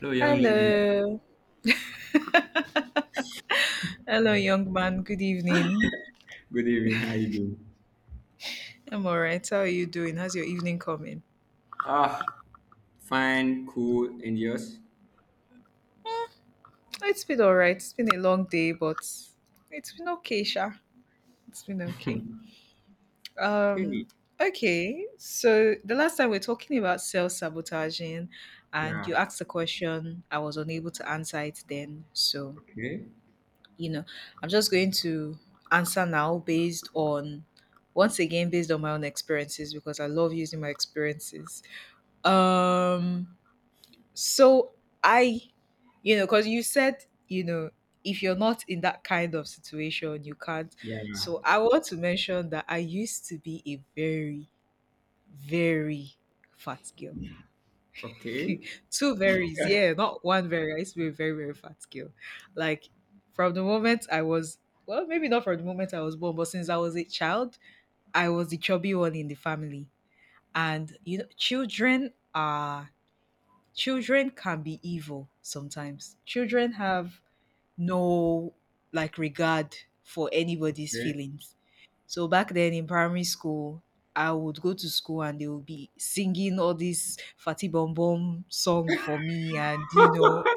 Hello, young lady. Hello. Hello, young man. Good evening. Good evening. How you doing? I'm all right. How are you doing? How's your evening coming? Ah, fine, cool, and yours? Oh, it's been all right. It's been a long day, but it's been okay, Sha. It's been okay. Um, Okay. okay. So the last time we are talking about self-sabotaging and Yeah. you asked a question, I was unable to answer it then. So, Okay. you know, I'm just going to answer now based on once again based on my own experiences because I love using my experiences. Um So I, because you said, if you're not in that kind of situation, you can't. Yeah. So I want to mention that I used to be a very, very fat girl. Okay. Two varies, yeah, not one very. I used to be a very, very fat girl. Like from the moment I was, well, maybe not from the moment I was born, but since I was a child, I was the chubby one in the family. And, you know, children can be evil sometimes. Children have no like regard for anybody's Okay. feelings. So back then in primary school, I would go to school and they would be singing all this Fatty Bom Bom song for me. And, you know,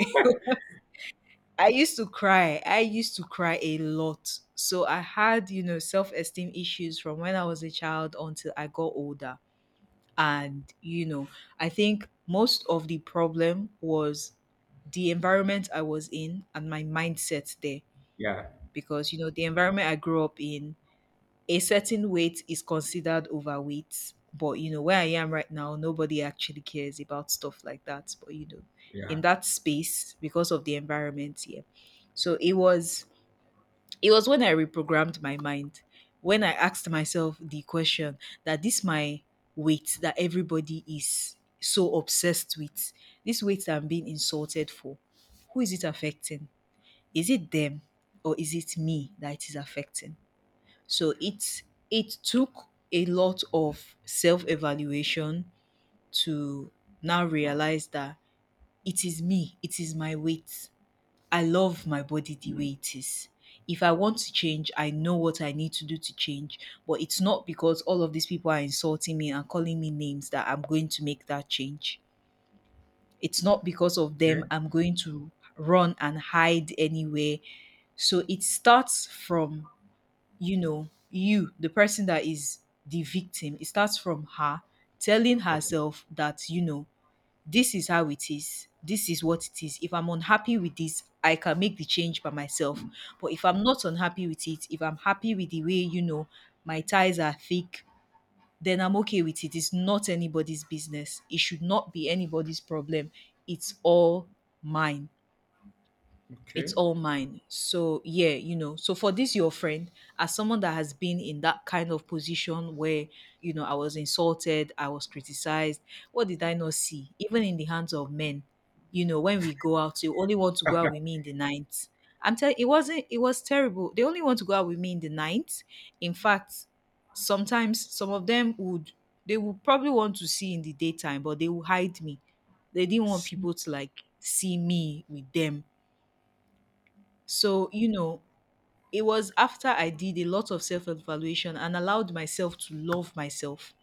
I used to cry. I used to cry a lot. So I had, you know, self esteem issues from when I was a child until I got older, and I think most of the problem was the environment I was in and my mindset there. Yeah. Because the environment I grew up in, a certain weight is considered overweight. But where I am right now nobody actually cares about stuff like that. But in Yeah. that space, because of the environment here, so it was when I reprogrammed my mind, when I asked myself the question that this my weight that everybody is so obsessed with, this weight that I'm being insulted for, who is it affecting? Is it them or is it me that it is affecting? So it took a lot of self-evaluation to now realize that it is me, it is my weight. I love my body the way it is. If I want to change, I know what I need to do to change. But it's not because all of these people are insulting me and calling me names that I'm going to make that change. It's not because of them Okay. I'm going to run and hide anywhere. So it starts from, you, the person that is the victim. It starts from her telling Okay. herself that, this is how it is. This is what it is. If I'm unhappy with this, I can make the change by myself. But if I'm not unhappy with it, if I'm happy with the way, my ties are thick, then I'm okay with it. It's not anybody's business. It should not be anybody's problem. It's all mine, it's Okay. all mine. So yeah. So for this your friend, as someone that has been in that kind of position where, I was insulted, I was criticized, what did I not see? Even in the hands of men, when we go out, you only want to go out with me in the night. I'm telling it wasn't it was terrible. They only want to go out with me in the night. In fact, sometimes some of them would they would probably want to see in the daytime, but they will hide me. They didn't want S- people to like see me with them. So, it was after I did a lot of self evaluation and allowed myself to love myself.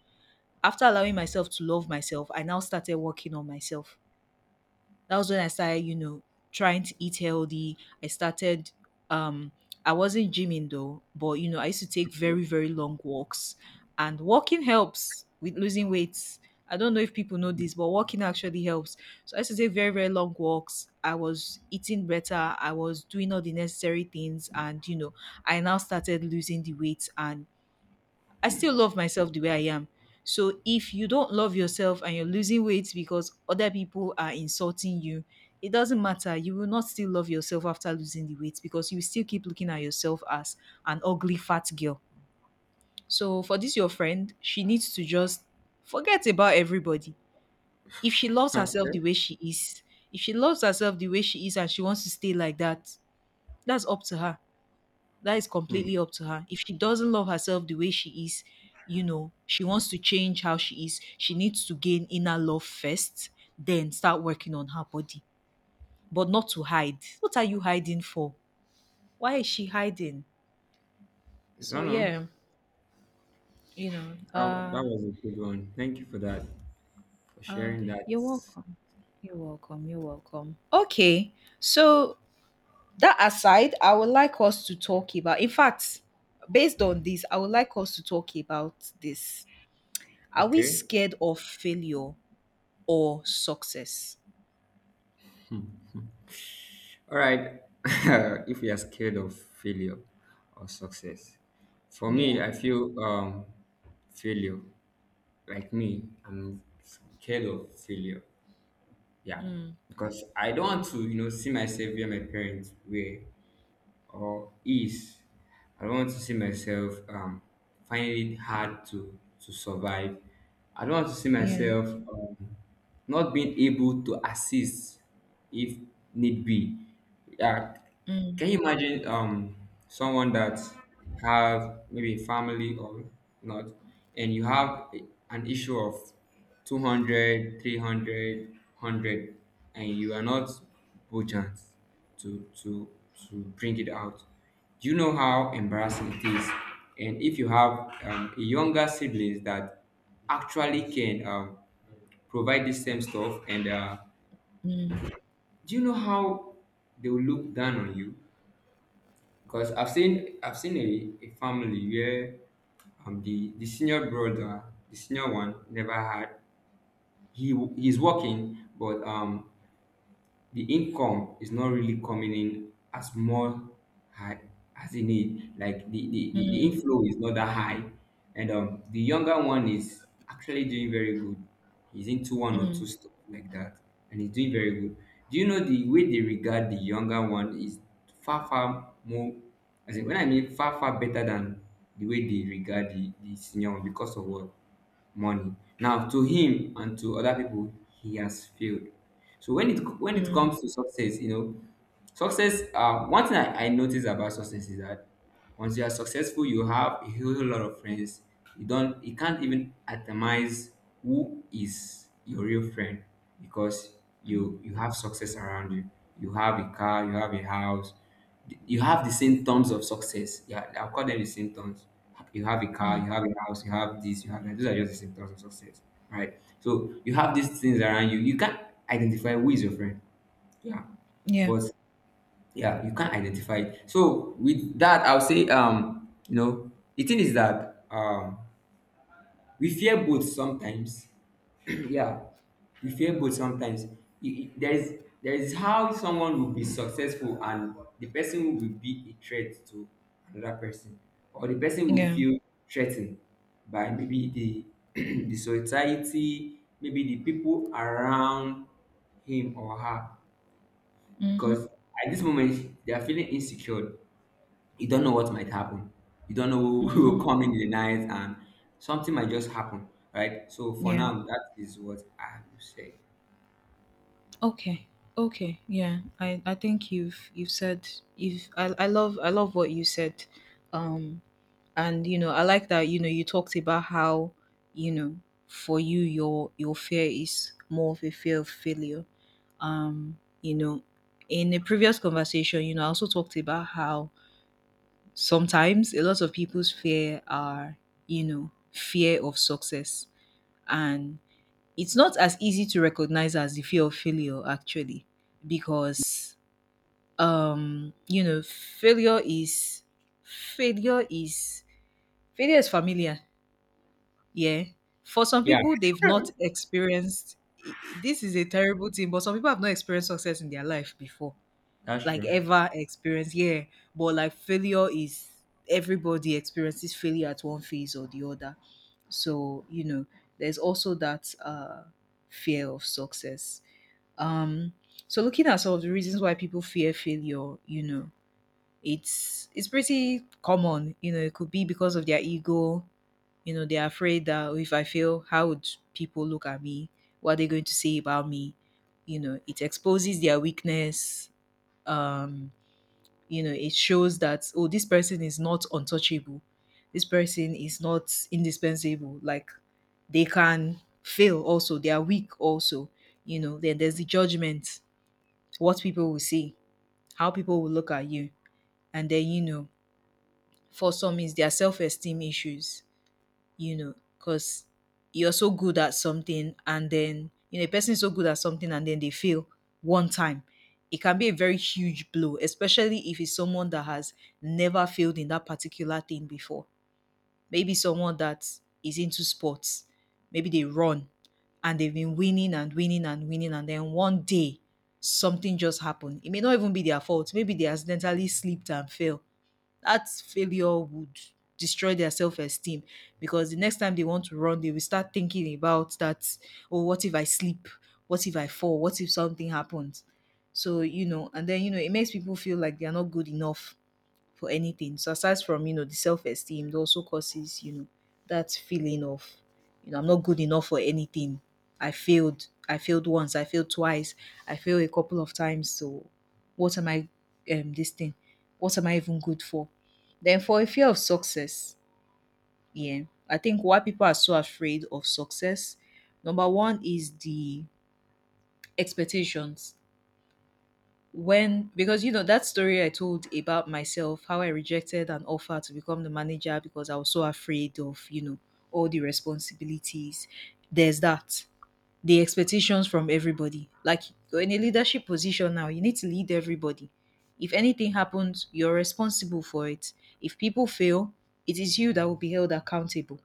After allowing myself to love myself, I now started working on myself. That was when I started, trying to eat healthy. Um I wasn't gymming though, but I used to take Okay. very, very long walks. And walking helps with losing weight. I don't know if people know this, but walking actually helps. So I used to take very, very long walks. I was eating better. I was doing all the necessary things. And, I now started losing the weight, and I still love myself the way I am. So if you don't love yourself and you're losing weight because other people are insulting you, it doesn't matter. You will not still love yourself after losing the weight because you still keep looking at yourself as an ugly fat girl. So for this your friend, she needs to just forget about everybody. If she loves herself Okay. the way she is, if she loves herself the way she is and she wants to stay like that, that's up to her. That is Hmm. completely up to her. If she doesn't love herself the way she is, she wants to change how she is, she needs to gain inner love first, then start working on her body, but not to hide. What are you hiding for? Why is she hiding? I So don't know. yeah, you know, That uh was a good one. Thank you for that. For uh sharing that. you're welcome. You're welcome. You're welcome. Okay. So that aside, I would like us to talk about. In fact, based on this, I would like us to talk about this. Are we Okay. scared of failure or success? All right. If you are scared of failure or success, for me, Yeah. I feel failure. Like me, I'm scared of failure. Yeah, Mm. because I don't want to, you know, see myself where my parents were or is I don't want to see myself finding it hard to, survive. I don't want to see Yeah. myself not being able to assist if need be. Yeah, can you imagine someone that have maybe family or not, and you have an issue of 200, and you are not budget to to to bring it out. Do you know how embarrassing it is? And if you have a younger siblings that actually can provide the same stuff, and Mm, do you know how they will look down on you? Because I've seen a family where the senior brother, the senior one, never had. He's working, but the income is not really coming in as more high as it need like the mm, inflow is not that high, and the younger one is actually doing very good. He's into one or mm, two stuff like that, and he's doing very good. Do you know the way they regard the younger one is far far more, as in when I mean far far better than the way they regard the senior one because of what? Money. Now, to him and to other people, he has failed. So when it mm, comes to success, you know, success. One thing I notice about success is that once you are successful, you have a whole lot of friends. You can't even atomize who is your real friend because you have success around you. You have a car, you have a house, you have the symptoms of success. Yeah, I'll call them the symptoms. You have a car, mm. you have a house, you have this, you have that. Those are just the symptoms of success, right? So you have these things around you. You can't identify who is your friend. Yeah, Yeah. but yeah, you can't identify it. So with that, I'll say, you know, the thing is that we fear both sometimes. Yeah, you feel both sometimes. you, you- there is there is how someone will be successful and the person will be a threat to another person, or the person will Yeah. feel threatened by maybe the the society, maybe the people around him or her, Mm-hmm. because at this moment they are feeling insecure. You don't know what might happen. You don't know who who Mm. will come in the night and something might just happen, right? So for Yeah. now, that is what I will say. Okay. Okay. Yeah. I think you've said you've I love what you said. Um and I like that you talked about how, you know, for you your fear is more of a fear of failure. Um, you know, in a previous conversation, I also talked about how sometimes a lot of people's fear are, fear of success. And it's not as easy to recognize as the fear of failure, actually, because, um, you know, failure is, failure is, failure is familiar. Yeah. For some Yeah, people, they've not experienced, this is a terrible thing, but some people have not experienced success in their life before that's like true. ever experienced. Yeah, but like failure is everybody experiences failure at one phase or the other. So there's also that fear of success. Um, so looking at some of the reasons why people fear failure, it's pretty common. It could be because of their ego. They're afraid that, "Oh, if I fail, how would people look at me? What are they going to say about me?" It exposes their weakness. Um, it shows that, oh, this person is not untouchable, this person is not indispensable. Like, they can fail also, they are weak also. Then there's the judgment, what people will see, how people will look at you. And then for some is their self-esteem issues. Because you're so good at something and then, a person is so good at something and then they fail one time. It can be a very huge blow, especially if it's someone that has never failed in that particular thing before. Maybe someone that is into sports, maybe they run and they've been winning and winning and winning, and then one day something just happened. It may not even be their fault. Maybe they accidentally slipped and fell. That failure would destroy their self-esteem, because the next time they want to run they will start thinking about that, oh, what if I sleep, what if I fall, what if something happens. So and then it makes people feel like they are not good enough for anything. So aside from the self esteem, it also causes, that feeling of, I'm not good enough for anything. I failed. I failed once. I failed twice. I failed a couple of times. So what am I, this thing? What am I even good for? Then for a fear of success, yeah, I think why people are so afraid of success, number one is the expectations. When because that story I told about myself, how I rejected an offer to become the manager because I was so afraid of, all the responsibilities. There's that. The expectations from everybody. Like, you're in a leadership position now, you need to lead everybody. If anything happens, you're responsible for it. If people fail, it is you that will be held accountable.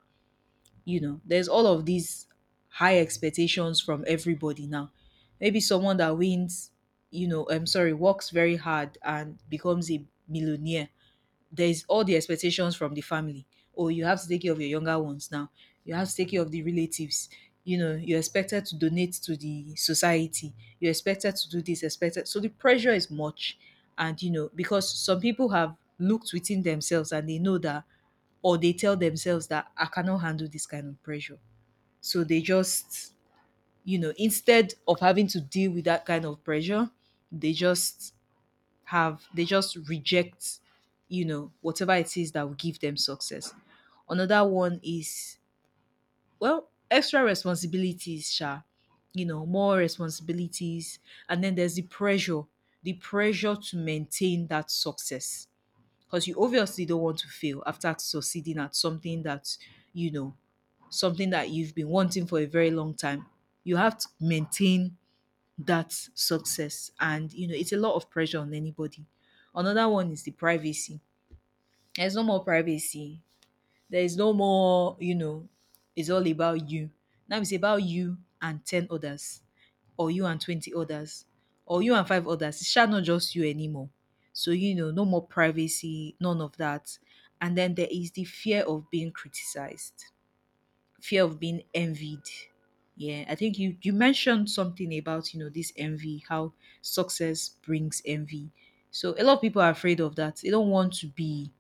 There's all of these high expectations from everybody now. Maybe someone that wins I'm sorry, works very hard and becomes a millionaire. There's all the expectations from the family. Oh, you have to take care of your younger ones now. You have to take care of the relatives. You're expected to donate to the society. You're expected to do this, expected. So the pressure is much. And, you know, because some people have looked within themselves and they know that, or they tell themselves that I cannot handle this kind of pressure. So they just, you know, instead of having to deal with that kind of pressure, they just have they just reject you know whatever it is that will give them success. Another one is, well, extra responsibilities sha, you know, more responsibilities. And then there's the pressure, the pressure to maintain that success, because you obviously don't want to fail after succeeding at something that, you know, something that you've been wanting for a very long time. You have to maintain that success, and you know it's a lot of pressure on anybody. Another one is the privacy. There's no more privacy. There is no more, you know, it's all about you. Now it's about you and 10 others, or you and 20 others, or you and five others. It shall not just you anymore. So you know, no more privacy, none of that. And then there is the fear of being criticized, fear of being envied. Yeah, I think you mentioned something about, you know, this envy, how success brings envy. So a lot of people are afraid of that. They don't want to be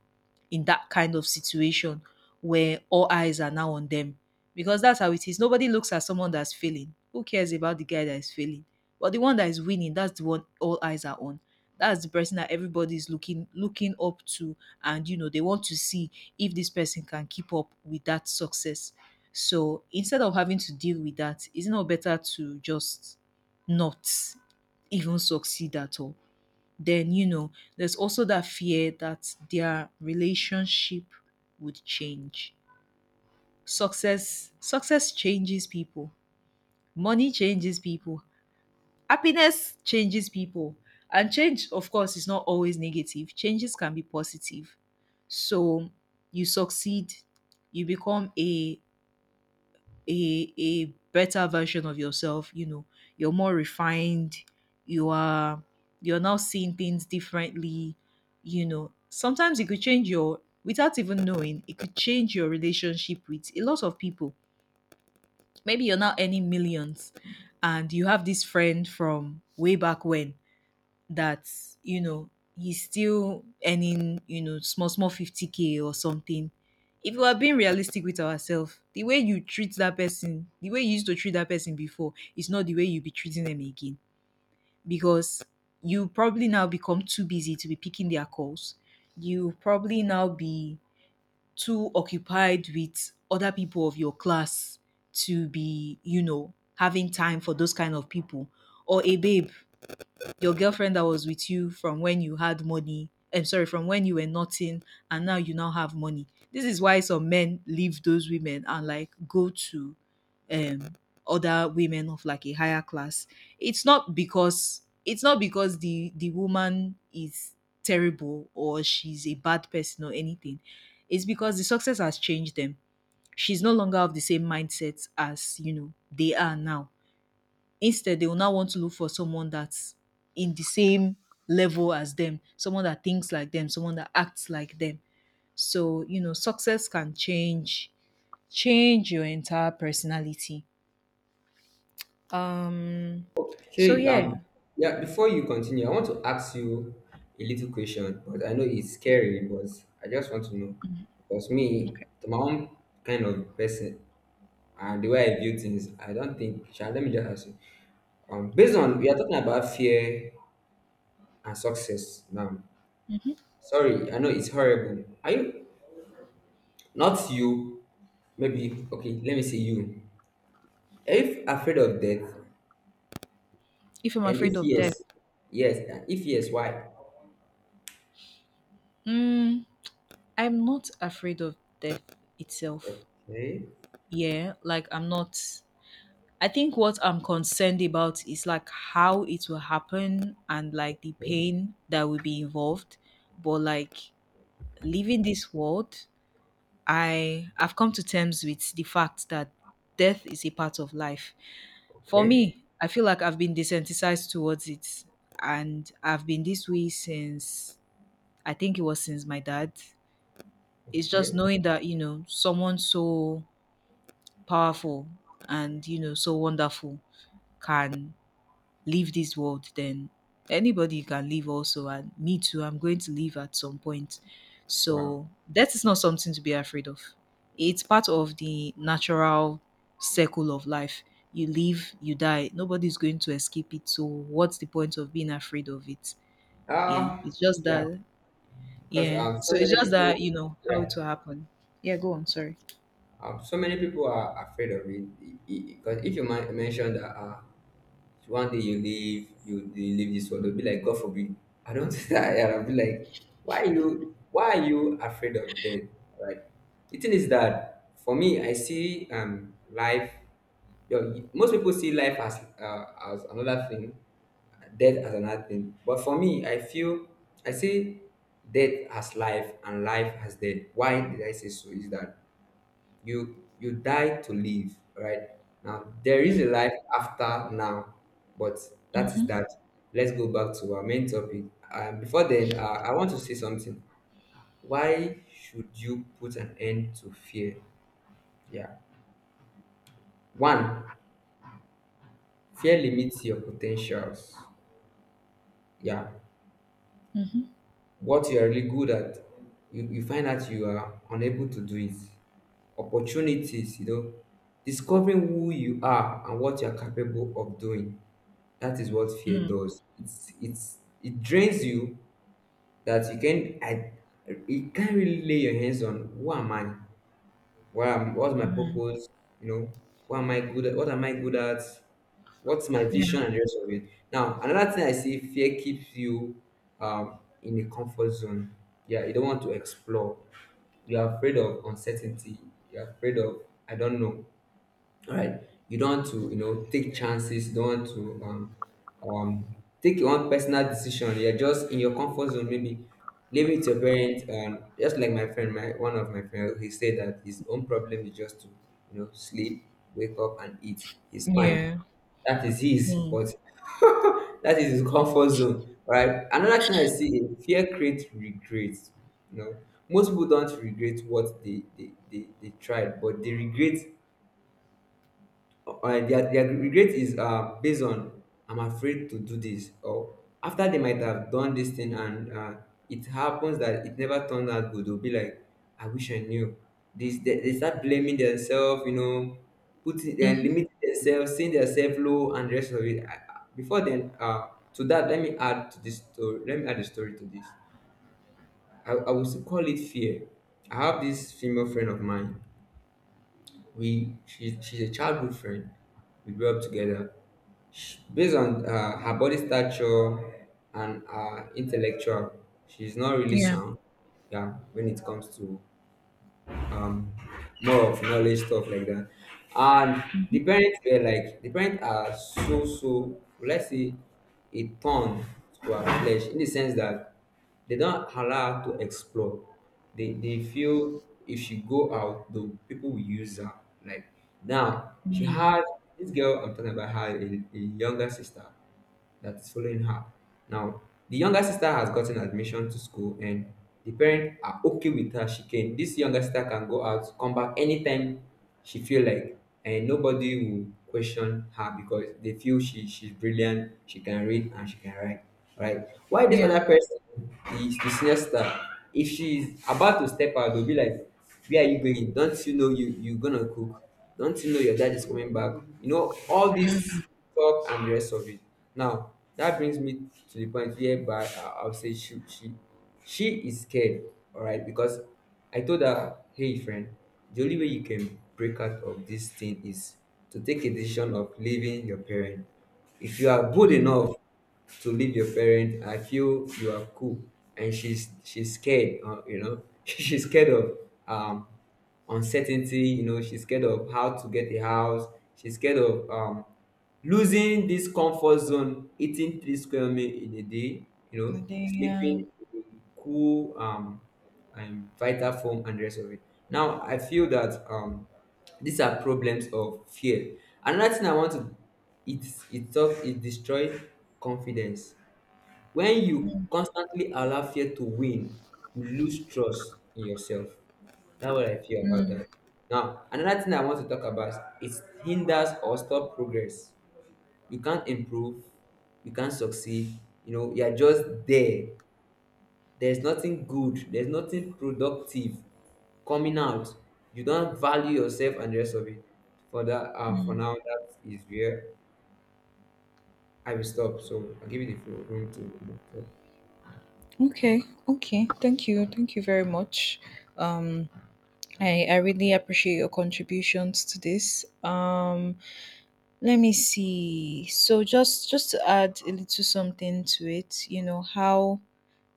in that kind of situation where all eyes are now on them. Because that's how it is. Nobody looks at someone that's failing. Who cares about the guy that is failing? But the one that is winning, that's the one all eyes are on. That's the person that everybody is looking up to, and you know they want to see if this person can keep up with that success. So instead of having to deal with that, isn't it better to just not even succeed at all? Then you know, there's also that fear that their relationship would change. Success changes people, money changes people, happiness changes people. And change, of course, is not always negative. Changes can be positive. So you succeed, you become a better version of yourself, you know. You're more refined, you are, you're now seeing things differently. You know, sometimes it could change your, without even knowing, it could change your relationship with a lot of people. Maybe you're now earning millions, and you have this friend from way back when that, you know, he's still earning, you know, small small 50k or something. If we are being realistic with ourselves, the way you treat that person, the way you used to treat that person before, is not the way you'll be treating them again. Because you probably now become too busy to be picking their calls, you probably now be too occupied with other people of your class to be, you know, having time for those kind of people. Or a babe, your girlfriend that was with you from when you had money, I'm sorry, from when you were nothing, and now you now have money. This is why some men leave those women and like go to um other women of like a higher class. It's not because, it's not because the woman is terrible or she's a bad person or anything. It's because the success has changed them. She's no longer of the same mindset as, you know, they are now. Instead, they will now want to look for someone that's in the same level as them, someone that thinks like them, someone that acts like them. So, you know, success can change your entire personality. Um so Hey, yeah. Yeah, before you continue, I want to ask you a little question, but I know it's Yeah. scary, but I just want to know. Because me, Okay. to my own kind of person and the way I view things, I don't think Sha, let me just ask you. Based Okay. on we are talking about fear and success now. Sorry, I know it's horrible. Are you not you? Maybe okay, let me say you. Are you afraid of death? If I'm And if afraid of death, yes, yes, and if yes, okay. why? Mm, I'm not afraid of death itself. Okay, Yeah, like I'm not, I think what I'm concerned about is like how it will happen and like the pain that will be involved. But like leaving this world, I've come to terms with the fact that death is a part of life. For okay. me, I feel like I've been desensitized towards it, and I've been this way since, I think it was since my dad. It's just Okay. knowing that, you know, someone so powerful and you know so wonderful can leave this world, then anybody can leave also. And me too, I'm going to leave at some point. Wow. So that is not something to be afraid of. It's part of the natural circle of life. You live, you die. Nobody's going to escape it. So what's the point of being afraid of it? Yeah. Uh It's just yeah, that, because yeah. So so it's many just that, people, you know, how it yeah, will happen. Yeah, go on, sorry. So many people are afraid of it. Because if you mention that so one day you leave, you leave this world. They'll be like, God forbid. I don't think that I'll be like, why are you afraid of death? Right. The thing is that for me, I see life. You know, most people see life as another thing, death as another thing. But for me, I feel I see death as life and life as death. Why did I say so? Is that you die to live, right? Now there is a Mm. life after now, but that is Mhm. that. Let's go back to our main topic. Before then I want to say something. Why should you put an end to fear? Yeah. One, fear limits your potentials. Yeah. Mhm. What you are really good at, you find out you are unable to do it. Opportunities, you know, discovering who you are and what you are capable of doing. That is what fear Mm. does. It drains you that you can't really lay your hands on who am I? What's my Mm. purpose? You know, what am I good at? What am I good at? What's my Yeah. vision and the rest of it? Now another thing I see, fear keeps you in a comfort zone. Yeah, you don't want to explore. You're afraid of uncertainty. You're afraid of, I don't know. All right, you don't want to, you know, take chances. You don't want to um, take your own personal decision. You're just in your comfort zone. Maybe leave it to your parents. Just like my friend, my one of my friends, he said that his own problem is just to, you know, sleep, wake up, and eat. He's fine. Yeah. That is his, Mm. but that is his comfort zone, right? Another thing I see is fear creates regret. You know, most people don't regret what they tried, but they regret their regret is based on I'm afraid to do this, or after they might have done this thing and it happens that it never turned out good, they'll be like, I wish I knew this. They start blaming themselves, you know, putting and Mhm. limiting themselves, seeing themselves low and the rest of it. Before then to that, let me add to this story, let me add a story to this. I would call it fear. I have this female friend of mine. We She's a childhood friend. We grew up together. Sh Based on her body stature and her intellectual, she's not really Yeah. sound. Yeah, when it comes to um more of knowledge stuff like that, and the Mhm. parents were like, the parents are so, let's say, a thorn to our flesh, in the sense that they don't allow her to explore. They feel if she go out the people will use her. Like now, she Mm. had this girl I'm talking about had a younger sister that's following her. Now, the younger sister has gotten admission to school and the parents are okay with her. She can. This younger sister can go out, come back anytime she feel like, and nobody will question her because they feel she's brilliant, she can read and she can write. Right? Why this other Yeah. person, it's the senior siesta. If she's about to step out, they'll be like, where are you going? Don't you know you're gonna cook? Don't you know your dad is coming back? You know, all this talk and the rest of it. Now, that brings me to the point whereby I'll say she is scared, all right? Because I told her, Hey, friend, the only way you can break out of this thing is to take a decision of leaving your parent. If you are good Mm. enough to leave your parent, I feel you are cool. And she's scared you know, she's scared of um uncertainty. You know, she's scared of how to get a house. She's scared of losing this comfort zone, eating three square meal in a day, you know, But then, yeah. sleeping cool, and vital form and the rest of it. Now I feel that these are problems of fear. Another thing I want to, it it destroy confidence. When you Mm. constantly allow fear to win, you lose trust in yourself. That's what I feel about Mm. that. Now another thing I want to talk about is hinders or stop progress. You can't improve, you can't succeed. You know, you're just there. There's nothing good, there's nothing productive coming out. You don't value yourself and the rest of it. For that, for Mm. now, that is where I will stop. So I'll give you the floor. Room to talk. Okay, okay. Thank you. Thank you very much. Um, I really appreciate your contributions to this. Let me see. So just to add a little something to it, you know,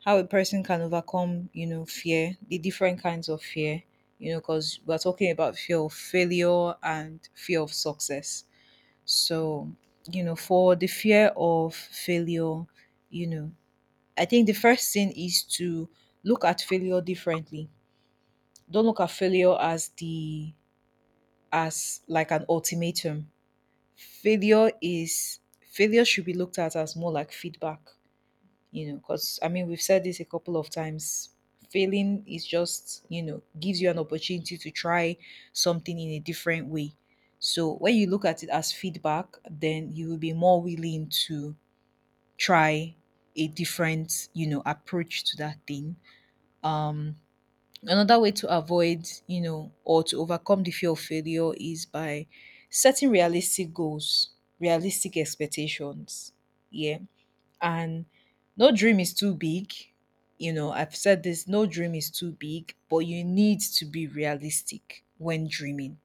how a person can overcome, you know, fear, the different kinds of fear, you know, because we're talking about fear of failure and fear of success. So, you know, for the fear of failure, you know, I think the first thing is to look at failure differently. Don't look at failure as the as like an ultimatum. Failure is failure should be looked at as more like feedback, you know, because I mean we've said this a couple of times. Failing is just, you know, gives you an opportunity to try something in a different way. So when you look at it as feedback, then you will be more willing to try a different, you know, approach to that thing. Um, another way to avoid, you know, or to overcome the fear of failure is by setting realistic goals, realistic expectations, yeah. And no dream is too big. You know, I've said this, no dream is too big, but you need to be realistic when dreaming.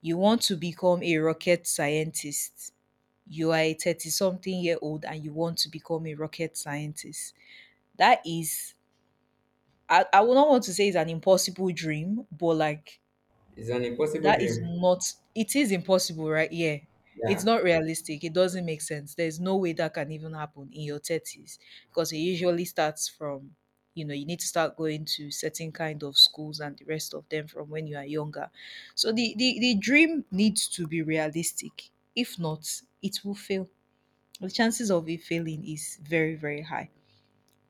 You want to become a rocket scientist. You are a 30 something year old and you want to become a rocket scientist. That is, I would not want to say it's an impossible dream, but like It's an impossible that is dream. not, it is impossible, right? Yeah. It's Yeah. not realistic. It doesn't make sense. There's no way that can even happen in your 30s, because it usually starts from, you know, you need to start going to certain kind of schools and the rest of them from when you are younger. So the dream needs to be realistic. If not, it will fail. The chances of it failing is very, very high.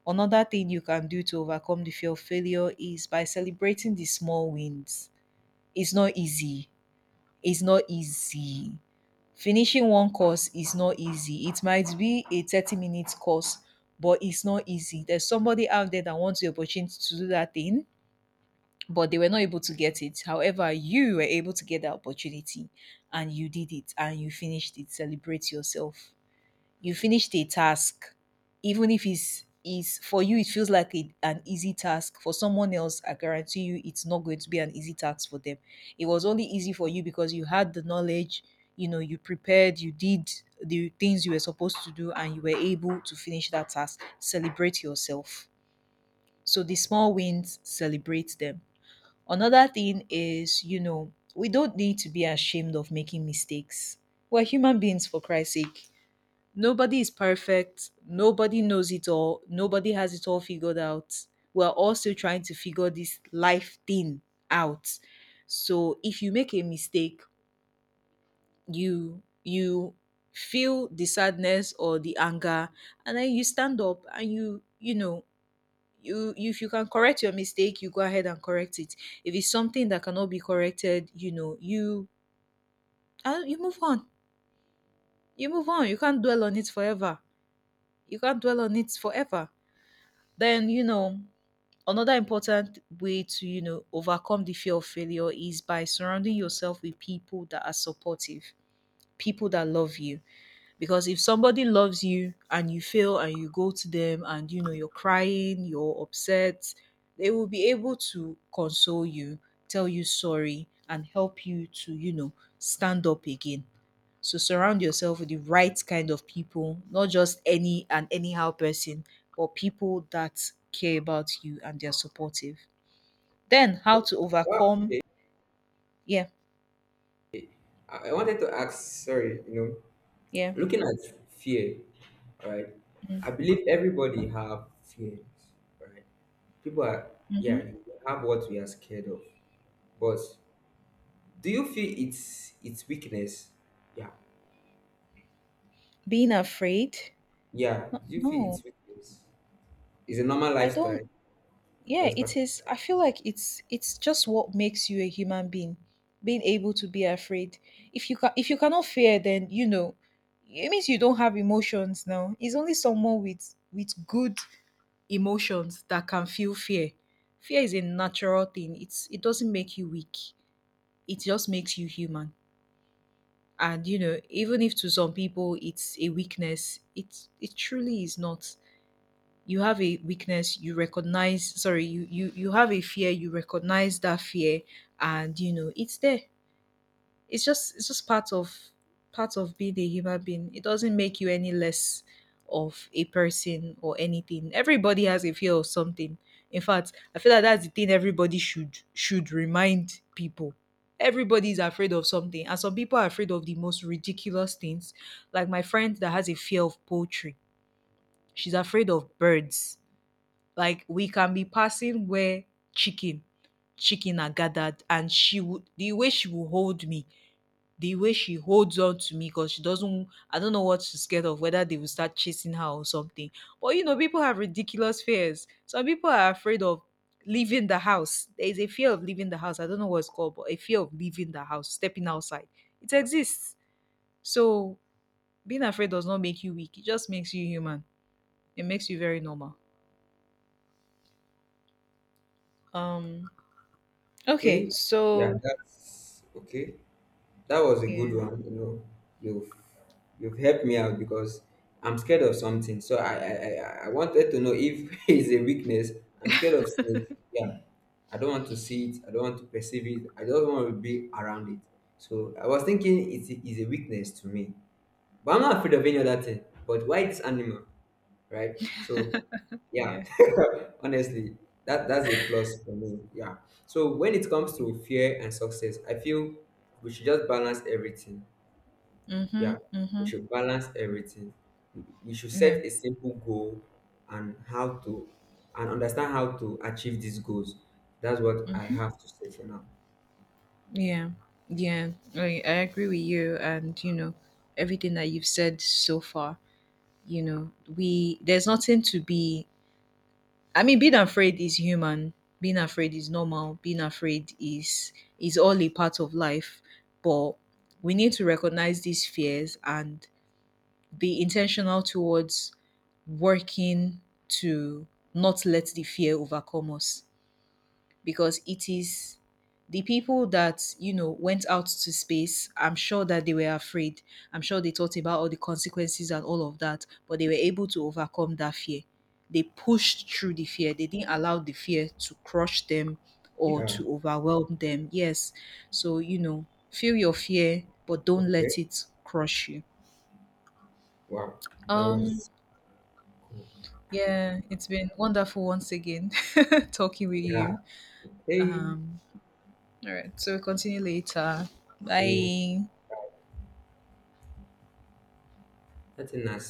Another thing you can do to overcome the fear of failure is by celebrating the small wins. It's not easy, is not easy. Finishing one course is not easy. It might be a 30 minutes course, but it's not easy. There's somebody out there that wants the opportunity to do that thing, but they were not able to get it. However, you were able to get that opportunity, and you did it and you finished it. Celebrate yourself, you finished a task. Even if it's is for you it feels like a, an easy task, for someone else I guarantee you it's not going to be an easy task for them. It was only easy for you because you had the knowledge, you know, you prepared, you did the things you were supposed to do, and you were able to finish that task. Celebrate yourself. So the small wins, celebrate them. Another thing is, you know, we don't need to be ashamed of making mistakes. We're human beings for Christ's sake. Nobody is perfect. Nobody knows it all. Nobody has it all figured out. We're all still trying to figure this life thing out. So if you make a mistake, you feel the sadness or the anger, and then you stand up and you know, if you can correct your mistake, you go ahead and correct it. If it's something that cannot be corrected, you know, you, you move on. You move on, you can't dwell on it forever. You can't dwell on it forever. Then, you know, another important way to, you know, overcome the fear of failure is by surrounding yourself with people that are supportive, people that love you. Because if somebody loves you and you fail and you go to them and you know you're crying, you're upset, they will be able to console you, tell you sorry, and help you to, you know, stand up again. So surround yourself with the right kind of people, not just any and anyhow person, but people that care about you and they're supportive. Then how to Well, overcome. okay. Yeah. I wanted to ask, sorry, you know, Yeah. looking at fear, all right? Mm-hmm. I believe everybody have fears, right? People are, Mm-hmm. yeah, you have what we are scared of. But do you feel it's weakness? Yeah. Being afraid. Yeah, No, do you feel no. it's weakness? It's a normal I don't. lifestyle or Yeah, it's part it of is. I feel like it's just what makes you a human being, being able to be afraid. If you cannot fear, then you know it means you don't have emotions. Now it's only someone with good emotions that can feel fear. Fear is a natural thing. It's, it doesn't make you weak, it just makes you human. And you know, even if to some people it's a weakness, it truly is not. You have a weakness, you recognize, sorry, you have a fear, you recognize that fear, and you know it's there. It's just, it's just part of being a human being. It doesn't make you any less of a person or anything. Everybody has a fear of something. In fact, I feel like that's the thing, everybody should remind people. Everybody is afraid of something, and some people are afraid of the most ridiculous things, like my friend that has a fear of poultry. She's afraid of birds. Like we can be passing where chicken chicken are gathered, and she would, the way she will hold me, the way she holds on to me, because she doesn't, I don't know what she's scared of, whether they will start chasing her or something. But you know, people have ridiculous fears. Some people are afraid of leaving the house. There is a fear of leaving the house. I don't know what it's called, but a fear of leaving the house, stepping outside. It exists. So being afraid does not make you weak. It just makes you human. It makes you very normal. Um, okay, okay. Yeah, so that's okay. That was a good yeah, one. You know, you've you've helped me out because I'm scared of something. So I wanted to know if it's a weakness. I'm scared of snakes. Yeah. I don't want to see it. I don't want to perceive it. I don't want to be around it. So I was thinking it is a weakness to me. But I'm not afraid of any other thing. But why this animal? Right? So yeah, yeah, honestly, that's a plus for me. Yeah. So when it comes yeah. to fear and success, I feel we should just balance everything. Mhm, Yeah, we mhm. should balance everything. We should Yeah, set a simple goal and how to and understand how to achieve these goals. That's what I have to say for now. yeah, yeah. I agree with you, and you know, everything that you've said so far. You know, we there's nothing to be. I mean, being afraid is human. Being afraid is normal. Being afraid is all a part of life. But we need to recognize these fears and be intentional towards working to not let the fear overcome us. Because it is, the people that you know went out to space, I'm sure that they were afraid. I'm sure they thought about all the consequences and all of that, but they were able to overcome that fear. They pushed through the fear. They didn't allow the fear to crush them or Yeah. to overwhelm them, yes. So you know, feel your fear but don't Okay. let it crush you. Wow. That Um, was cool. yeah, it's been wonderful once again talking with Yeah. you. Hey. Um, all right. So we'll continue later. See you. Bye. That's a nice.